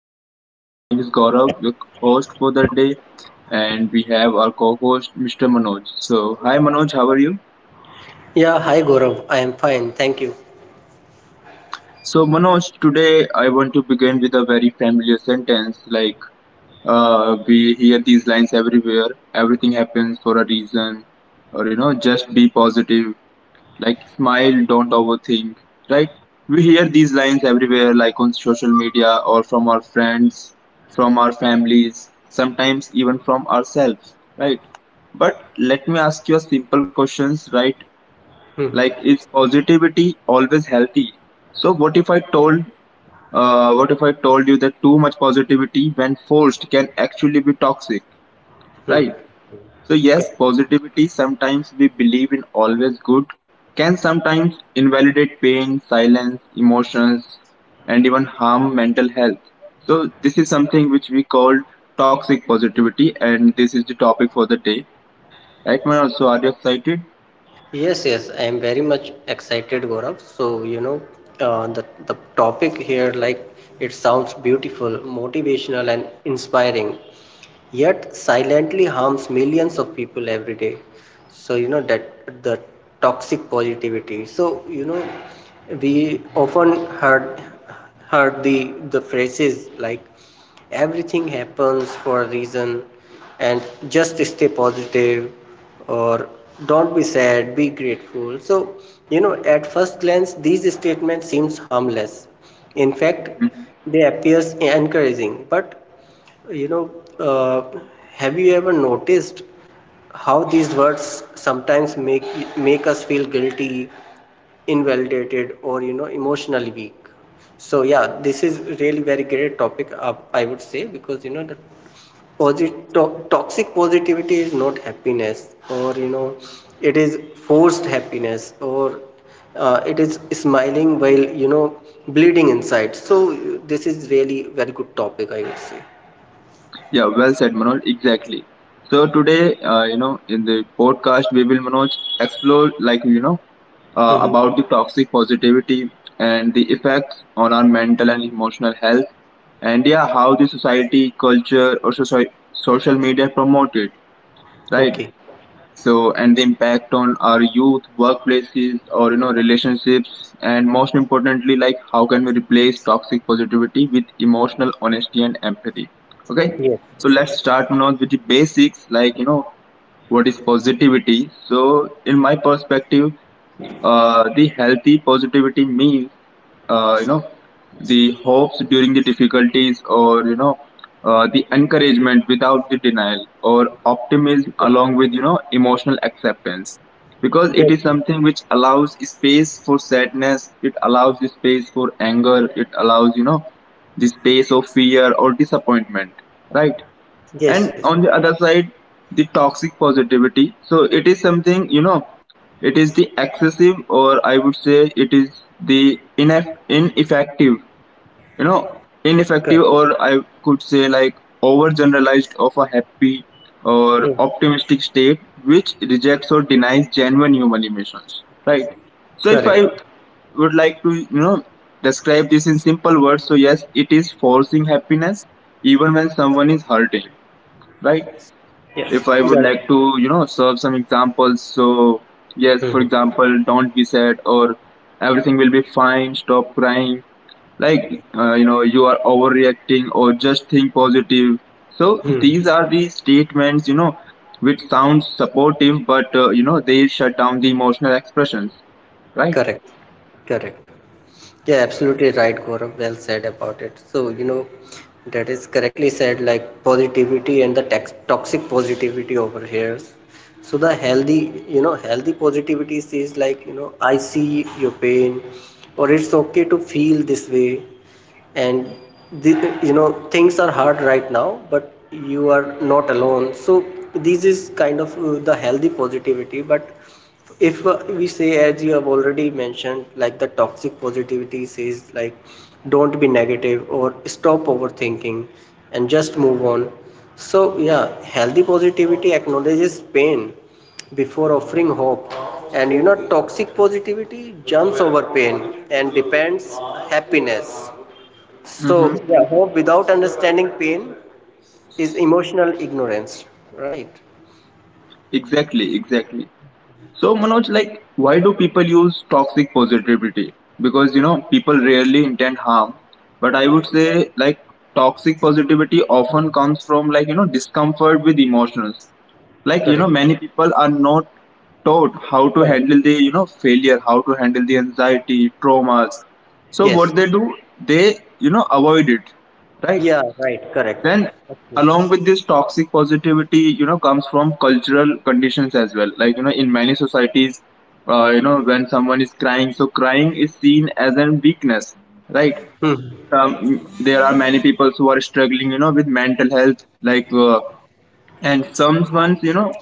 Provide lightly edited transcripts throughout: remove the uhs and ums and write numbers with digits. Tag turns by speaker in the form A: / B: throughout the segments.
A: podcast. My name is Gaurav, your host for the day, and we have our co-host Mr. Manoj. So, hi Manoj, how are you?
B: Yeah, hi Gaurav. I am fine, thank you.
A: So, Manoj, today I want to begin with a very familiar sentence we hear these lines everywhere. Everything happens for a reason, or you know, just be positive. Like smile, don't overthink, right? We hear these lines everywhere, like on social media or from our friends, from our families, sometimes even from ourselves, right? But let me ask you a simple questions, right?
B: Hmm.
A: Like, is positivity always healthy? So, what if I told you that too much positivity, when forced, can actually be toxic,
B: Hmm.
A: right? So, yes,
B: Good.
A: positivity, sometimes we believe in always good, can sometimes invalidate pain, silence, emotions, and even harm mental health. So, this is something which we call toxic positivity, and this is the topic for the day. Right, man? So, are you excited?
B: Yes, yes, I am very much excited, Gaurav. So, the topic here, like, it sounds beautiful, motivational, and inspiring, yet silently harms millions of people every day. So, you know that the toxic positivity. So, you know we often heard heard the phrases, like, everything happens for a reason, and just stay positive, or don't be sad, be grateful. So, at first glance these statements seems harmless. In fact, they appears encouraging, but, you know, uh, have you ever noticed how these words sometimes make us feel guilty, invalidated, or, emotionally weak? So yeah, this is really very great topic. I would say, because the toxic positivity is not happiness, or, it is forced happiness, or, it is smiling while bleeding inside. So this is really very good topic, I would say.
A: Yeah, well said, Manoj. Exactly. So today, you know, in the podcast, we will Manoj explore like you know
B: Mhm.
A: about the toxic positivity and the effects on our mental and emotional health, and yeah, how the society, culture, or social media promote it, right?
B: Okay.
A: So, and the impact on our youth, workplaces, or you know, relationships, and most importantly, like how can we replace toxic positivity with emotional honesty and empathy? Okay,
B: Yes.
A: so let's
B: Yes.
A: start now with the basics, like you know, what is positivity so in my perspective the healthy positivity means you know the hopes during the difficulties or you know the encouragement without the denial or optimism
B: Yes.
A: along with you know emotional acceptance because it
B: Yes.
A: is something which allows space for sadness, it allows the space for anger, it allows you know the space of fear or disappointment, right?
B: Yes. Yes.
A: And
B: Yes.
A: on the other side the toxic positivity, so it is something you know it is the excessive, or I would say, it is the ineffective. You know,
B: Correct.
A: ineffective, or I could say like overgeneralized of a happy or
B: Mm.
A: optimistic state, which rejects or denies genuine human emotions. Right. So if
B: Correct.
A: I would like to, you know, describe this in simple words, so yes, it is forcing happiness even when someone is hurting. Right,
B: Yes.
A: if I would
B: Well.
A: like to, you know, serve some examples. So, yes, for
B: Hmm.
A: example, don't be sad or everything will be fine, stop crying. Like, you know, you are overreacting or just think positive. So,
B: Hmm.
A: these are the statements, you know, which sounds supportive, but, you know, they shut down the emotional expressions, right?
B: Correct. Correct. Yeah, absolutely right, Gaurav. Well said about it. So, that is correctly said, like, positivity and the tax toxic positivity over here. So the healthy, healthy positivity is like, I see your pain, or it's okay to feel this way, and the, you know things are hard right now, but you are not alone. So this is kind of, the healthy positivity. But if, we say, as you have already mentioned, like, the toxic positivity says, like, don't be negative, or stop overthinking, and just move on. So yeah, healthy positivity acknowledges pain before offering hope, and toxic positivity jumps over pain and depends happiness.
A: Mm-hmm.
B: So yeah, hope without understanding pain is emotional ignorance, right?
A: Exactly, exactly. So Manoj, like, why do people use toxic positivity? Because you know, people rarely intend harm, but I would say like toxic positivity often comes from like you know discomfort with emotions. Like you know,
B: Correct.
A: many people are not taught how to
B: Correct.
A: handle the you know failure, how to handle the anxiety, traumas. So
B: Yes.
A: what they do, they you know avoid it, right?
B: Yeah, right, correct.
A: Then,
B: Absolutely.
A: along with this toxic positivity, you know, comes from cultural conditions as well. Like, you know, in many societies, you know, when someone is crying, so crying is seen as a weakness, right? There are many people who are struggling, you know, with mental health, like, and some ones, you know,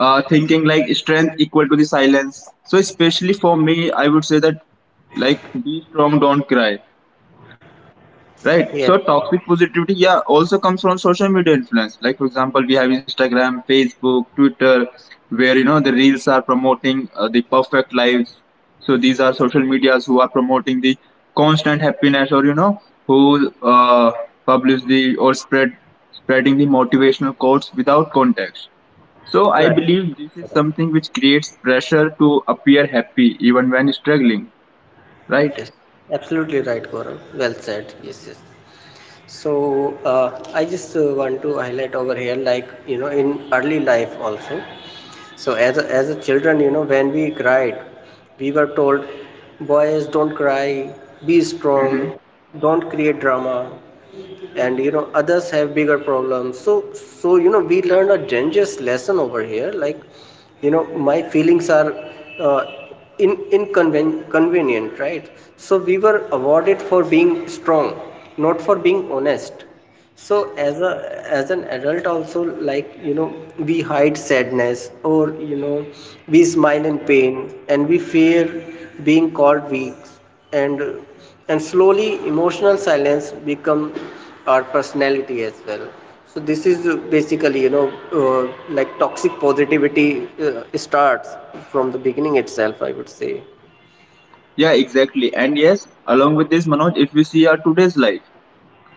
A: thinking like strength equal to the silence. So especially for me, I would say that like be strong, don't cry. Right.
B: Yes,
A: So toxic positivity, yeah, also comes from social media influence. Like for example, we have Instagram, Facebook, Twitter, where you know the reels are promoting the perfect lives. So these are social medias who are promoting the constant happiness, or you know who publish the or spreading the motivational quotes without context. So I
B: correct.
A: believe this is something which creates pressure to appear happy even when struggling. Right.
B: Yes, absolutely right, Gaurav. Well said. Yes, yes. So I just want to highlight over here, like, in early life also. So as a children, when we cried, we were told, boys don't cry, be strong, don't create drama, and others have bigger problems. So, we learned a dangerous lesson over here, like, my feelings are, uh, in inconvenient, right? So we were awarded for being strong, not for being honest. So as an adult also, like, we hide sadness, or, we smile in pain, and we fear being called weak. And and slowly emotional silence become our personality as well. So this is basically, like, toxic positivity, starts from the beginning itself, I would say.
A: Yeah, exactly. And yes, along with this, Manoj, if we see our today's life,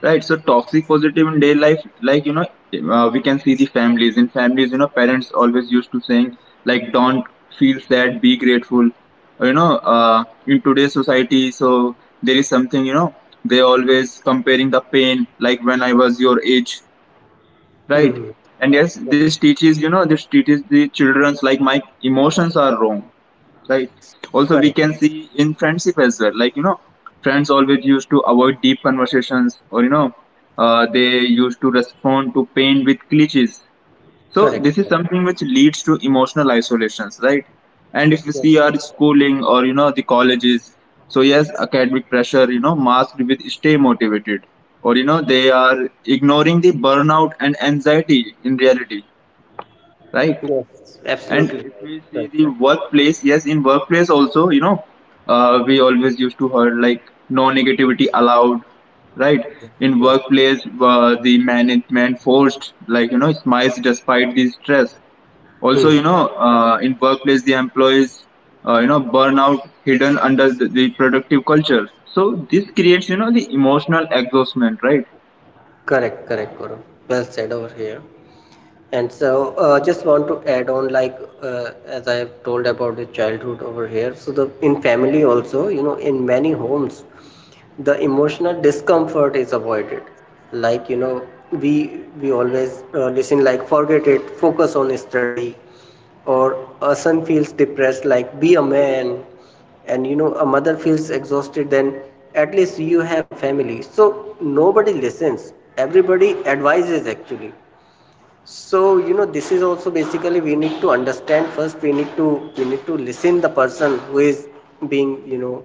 A: right? So toxic positive in day life, like you know, we can see the families. In families, you know, parents always used to saying like, "Don't feel sad, be grateful." You know, in today's society, so there is something you know they always comparing the pain like when I was your age, right?
B: Hmm.
A: And yes, this teaches you know this teaches the childrens like my emotions are wrong, right? Also we
B: Correct.
A: can see in friendship as well, like you know friends always used to avoid deep conversations, or you know they used to respond to pain with cliches, so
B: Correct.
A: this is something which leads to emotional isolations, right? And if you
B: Yes.
A: see our schooling or you know the colleges, so yes academic pressure you know masked with stay motivated, or you know they are ignoring the burnout and anxiety in reality, right?
B: Yes,
A: And
B: absolutely
A: if
B: right.
A: we see
B: Right,
A: the
B: right.
A: workplace, yes, in workplace also, you know, we always used to heard like no negativity allowed, right? In
B: Yes.
A: workplace, the management forced like you know smiles despite the stress. Also,
B: Hmm.
A: you know, in workplace, the employees, you know, burnout hidden under the productive culture. So this creates, you know, the emotional exhaustion, right?
B: Correct, correct, Gaurav. Well said over here. And so, just want to add on, like, as I have told about the childhood over here. So the in family also, in many homes, the emotional discomfort is avoided. Like, we always, listen, like, forget it, focus on study, or a son feels depressed, like, be a man. And a mother feels exhausted, then at least you have a family. So nobody listens, everybody advises actually. So this is also basically, we need to understand first. We need to listen the person who is being, you know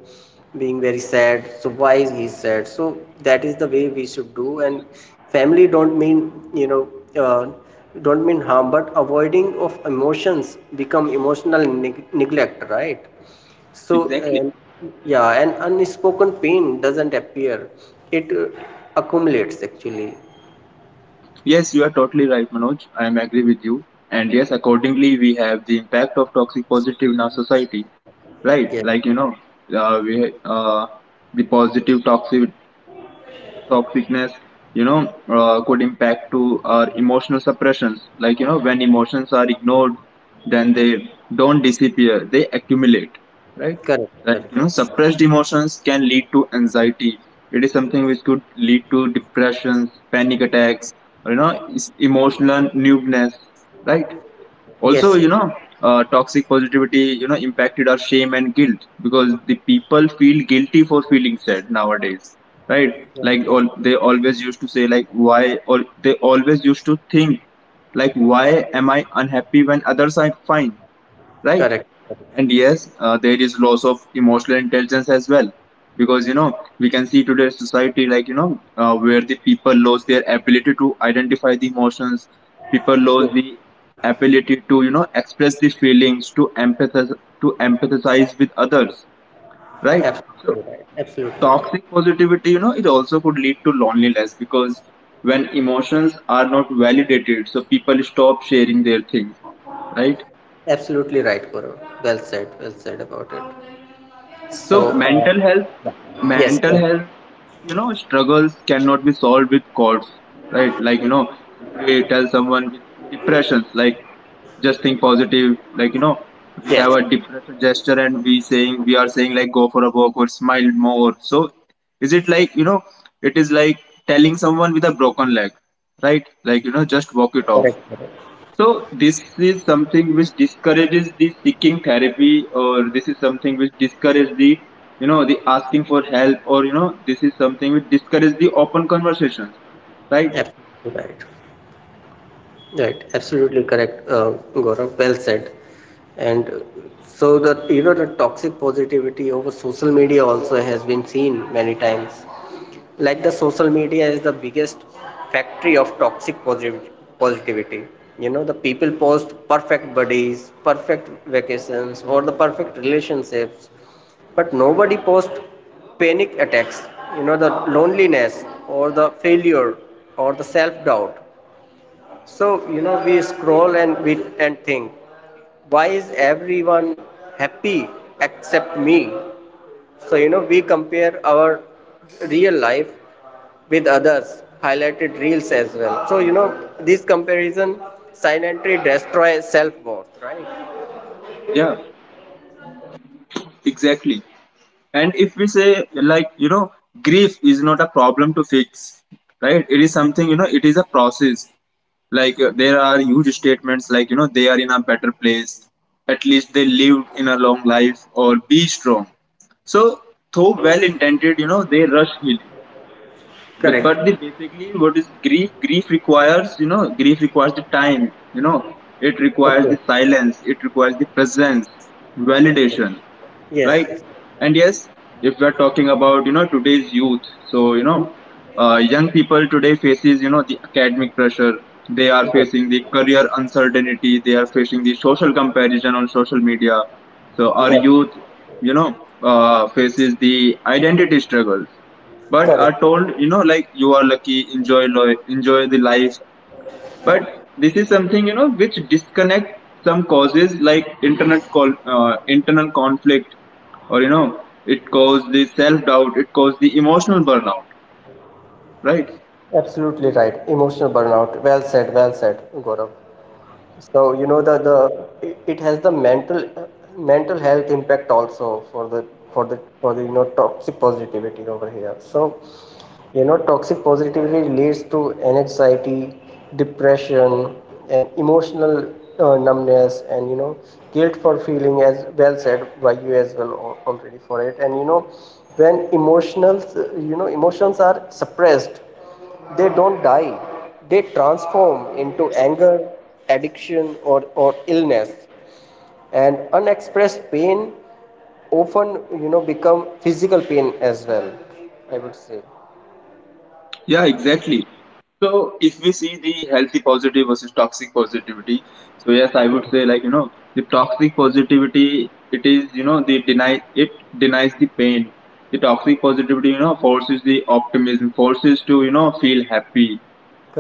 B: being very sad. So why is he sad? So that is the way we should do. And family don't mean, uh, don't mean harm, but avoiding of emotions become emotional neglect, right? So
A: Exactly.
B: um, yeah. And unspoken pain doesn't appear, it, accumulates actually.
A: Yes, you are totally right, Manoj. I am agree with you. And yes, accordingly, we have the impact of toxic positive in our society, right?
B: Yes,
A: Like you know, we the positive toxic toxicness you know could impact to our emotional suppressions, like you know when emotions are ignored then they don't disappear, they accumulate, right?
B: correct,
A: Like you know
B: correct,
A: suppressed emotions can lead to anxiety, it is something which could lead to depressions, panic attacks, or, you know emotional numbness, right? Also
B: yes.
A: you know toxic positivity you know impacted our shame and guilt because the people feel guilty for feeling sad nowadays, right? Like all they always used to say like why, or they always used to think like why am I unhappy when others are fine, right?
B: Correct.
A: And yes, there is loss of emotional intelligence as well, because you know we can see today's society like you know where the people lose their ability to identify the emotions, people lose the ability to you know express the feelings, to empathize with others, right?
B: Yes,
A: So
B: absolutely right. Absolutely right.
A: toxic positivity, you know, it also could lead to loneliness because when emotions are not validated, so people stop sharing their things, right?
B: Absolutely right, Gaurav. Well said. Well said about it.
A: So
B: So, yes,
A: mental health, you know, struggles cannot be solved with courts, right? Like you know, if we tell someone with depressions, like just think positive, like you know, we have
B: yes,
A: a depression gesture and we are saying like go for a walk or smile more. So is it like you know, it is like telling someone with a broken leg, right? Like you know, just
B: yes.
A: walk it
B: Correct.
A: off.
B: Correct.
A: So this is something which discourages the seeking therapy, or this is something which discourages the you know the asking for help, or you know this is something which discourages the open conversations, right?
B: Correct. Absolutely right. Right. Absolutely correct, Gaurav. Well said. And, so the toxic positivity over social media also has been seen many times. Like, the social media is the biggest factory of toxic positivity. The people post perfect bodies, perfect vacations, or the perfect relationships, but nobody posts panic attacks, the loneliness, or the failure, or the self doubt. So, we scroll, and think, why is everyone happy except me? So, we compare our real life with others highlighted reels as well. So, this comparison silently destroys self worth, right?
A: Yeah, exactly. And if we say like you know grief is not a problem to fix, right? It is something you know it is a process. Like there are huge statements like you know they are in a better place, at least they lived in a long life, or be strong, so though well intended you know they rush healing, but
B: Correct.
A: the basically what is grief, grief requires you know grief requires the time, you know it requires
B: Okay.
A: the silence, it requires the presence, validation,
B: Yes,
A: right?
B: yes.
A: And yes, if we're talking about you know today's youth, so you know young people today faces you know the academic pressure, they are
B: Yes.
A: facing the career uncertainty, they are facing the social comparison on social media, so our
B: Yes.
A: youth you know faces the identity struggle, but
B: Correct.
A: are told you know like you are lucky, enjoy the life, but this is something you know which disconnect some causes like internal conflict, or you know it causes the self doubt, it causes the emotional burnout, right?
B: Absolutely right. Emotional burnout. Well said, Gaurav. So, the it has the mental health impact also, for the toxic positivity over here. So, toxic positivity leads to an anxiety, depression, and emotional, numbness, and, guilt for feeling, as well said by you as well, already for it. And, when emotions are suppressed, they don't die, they transform into anger, addiction, or illness. And unexpressed pain often, become physical pain as well, I would say.
A: Yeah, exactly. So if we see the healthy positive versus toxic positivity, so yes, I would say like you know the toxic positivity it is you know the deny it denies the pain. The toxic positivity you know forces the optimism, forces to you know feel happy.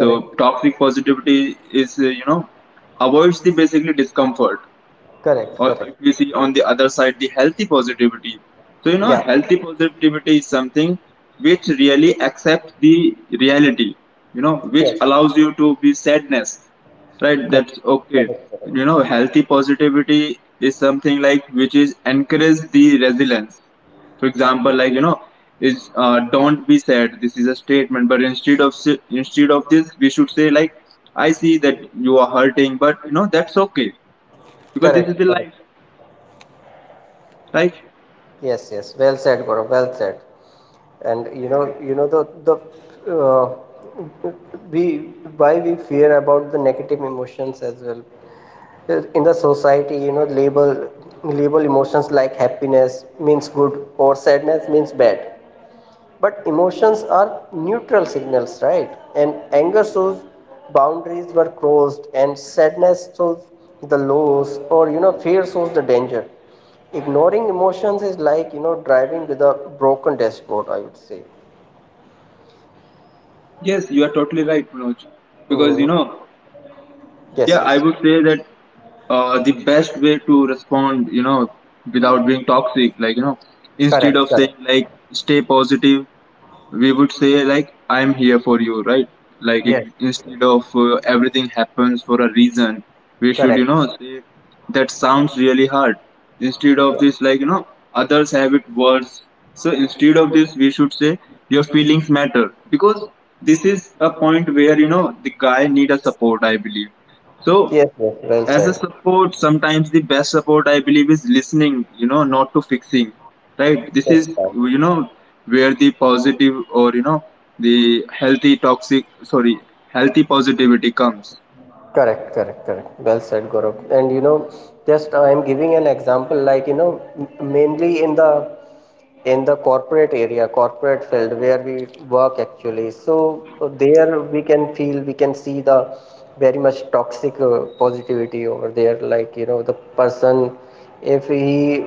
A: So toxic positivity is you know avoids the basically discomfort,
B: Correct,
A: or
B: correct.
A: if we see on the other side the healthy positivity, so you know
B: Yeah,
A: healthy positivity is something which really accepts the reality, you know
B: yeah,
A: which allows you to be sadness, right?
B: correct,
A: That's okay.
B: correct,
A: You
B: correct,
A: know healthy positivity is something like which is encourage the resilience, for example like you know is don't be sad, this is a statement, but instead of instead of this we should say like I see that you are hurting but you know that's okay because this is
B: correct,
A: the
B: correct.
A: life, like,
B: Yes, yes. Well said, Gaurav. Well said. And you know the uh, we why we fear about the negative emotions as well. In the society, label emotions, like, happiness means good, or sadness means bad. But emotions are neutral signals, right? And anger shows boundaries were crossed, and sadness shows the loss, or, fear shows the danger. Ignoring emotions is like, driving with a broken dashboard, I would say.
A: yes, you are totally right, Manoj. Because,
B: Hmm.
A: you know, yeah,
B: Yes,
A: I
B: yes,
A: would say that the best way to respond, you know, without being toxic, like, you know, instead
B: correct,
A: of saying,
B: correct,
A: like, stay positive, we would say like I'm here for you, right? Like it,
B: yes,
A: instead of everything happens for a reason we should you
B: correct,
A: know say that sounds really hard, instead of this like you know others have it worse, so instead of this we should say your feelings matter, because this is a point where you know the guy need a support I believe. So
B: yes, yes, well
A: as a
B: said.
A: support sometimes the best support I believe is listening you know not to fixing, right? This
B: Yes,
A: is
B: right.
A: you know where the positive or you know the healthy toxic, sorry, healthy positivity comes.
B: Correct, correct, correct. Well said, Gaurav. And, just, I'm giving an example, like, mainly in the, corporate area, corporate field, where we work actually. So there we can feel, we can see, the very much toxic, positivity over there. Like, the person, if he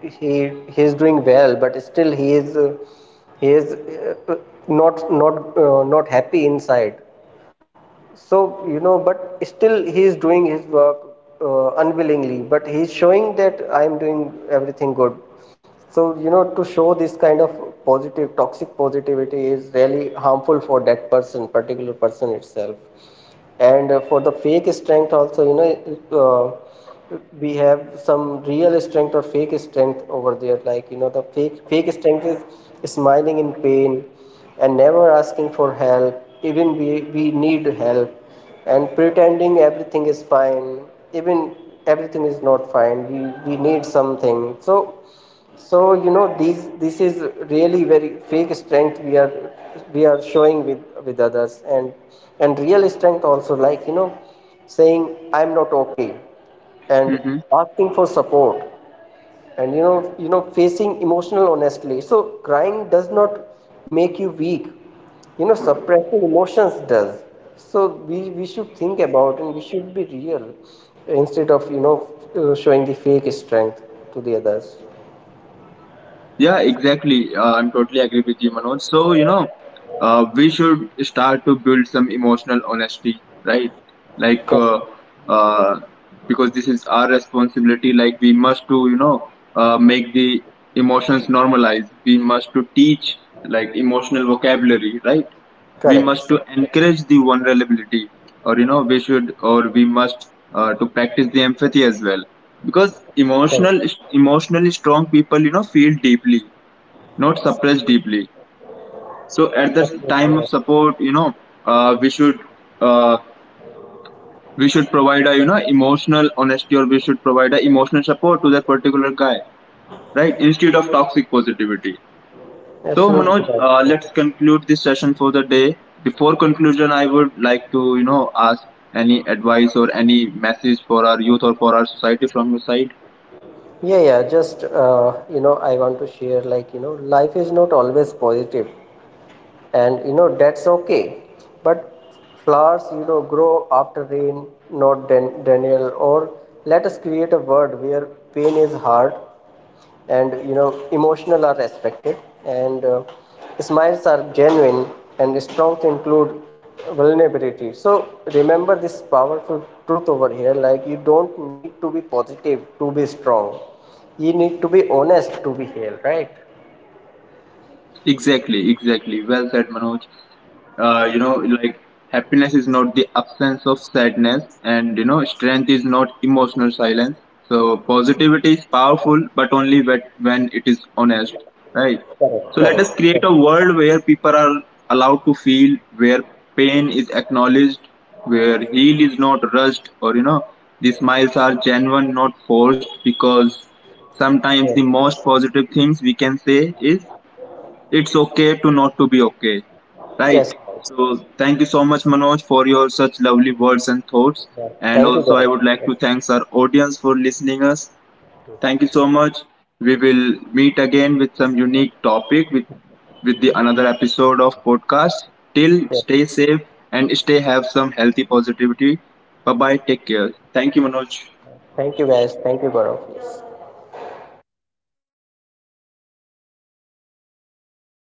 B: he he is doing well, but still he is, uh, not happy inside. So, but still he is doing his work, unwillingly, but he is showing that I am doing everything good. So, to show this kind of, toxic positivity is really harmful for that person, particular person itself. And, for the fake strength also, we have some real strength or fake strength over there. Like, the fake strength is smiling in pain and never asking for help, even we need help, and pretending everything is fine, even everything is not fine, we need something. So, these this is really very fake strength we are, showing with others. And real strength also, like, saying I'm not okay, and
A: Mhm.
B: asking for support, and, facing emotional honestly. So crying does not make you weak, suppressing emotions does. So we should think about and we should be real instead of, showing the fake strength to the others.
A: Yeah, exactly. I'm totally agree with you, Manoj. So, you know, we should start to build some emotional honesty, right? Like, uh, because this is our responsibility. Like, we must to, you know, make the emotions normalized. We must to teach like emotional vocabulary, right? We
B: Correct.
A: must to encourage the vulnerability, or you know we should or we must to practice the empathy as well, because emotional emotionally strong people you know feel deeply, not suppress deeply, so at the time of
B: Yeah,
A: support you know uh, we should uh, we should provide a you know emotional honesty, or we should provide a emotional support to that particular guy, right? Instead of toxic positivity. So
B: absolutely
A: Manoj,
B: right. Yeah,
A: let's conclude this session for the day. Before conclusion, I would like to you know ask any advice or any message for our youth or for our society from your side.
B: yeah. Yeah, just, I want to share, like, life is not always positive. And that's okay. But flowers, grow after rain, not Daniel, or, let us create a world where pain is hard, and emotional are respected, and, smiles are genuine, and strength include vulnerability. So remember this powerful truth over here, like, you don't need to be positive to be strong, you need to be honest to be healed, right?
A: Exactly, exactly. Well said, Manoj. You
B: Yeah.
A: know like happiness is not the absence of sadness and you know strength is not emotional silence, so positivity is powerful but only when it is honest, right?
B: Correct,
A: So let
B: correct.
A: us create a world where people are allowed to feel, where pain is acknowledged, where heal is not rushed, or you know the smiles are genuine, not forced, because sometimes the
B: Yes.
A: most positive things we can say is it's okay to not to be okay, right?
B: Yes.
A: So thank you so much, Manoj, for your such lovely words and thoughts.
B: Yeah.
A: And
B: Thank you,
A: also, I
B: Gaurav.
A: would like
B: Yes.
A: to thanks our audience for listening us. Thank you so much. We will meet again with some unique topic with the another episode of podcast. Till
B: Yes.
A: stay safe and stay have some healthy positivity. Bye bye. Take care. Thank you, Manoj.
B: Thank you, guys. Thank you, Gaurav. Yes.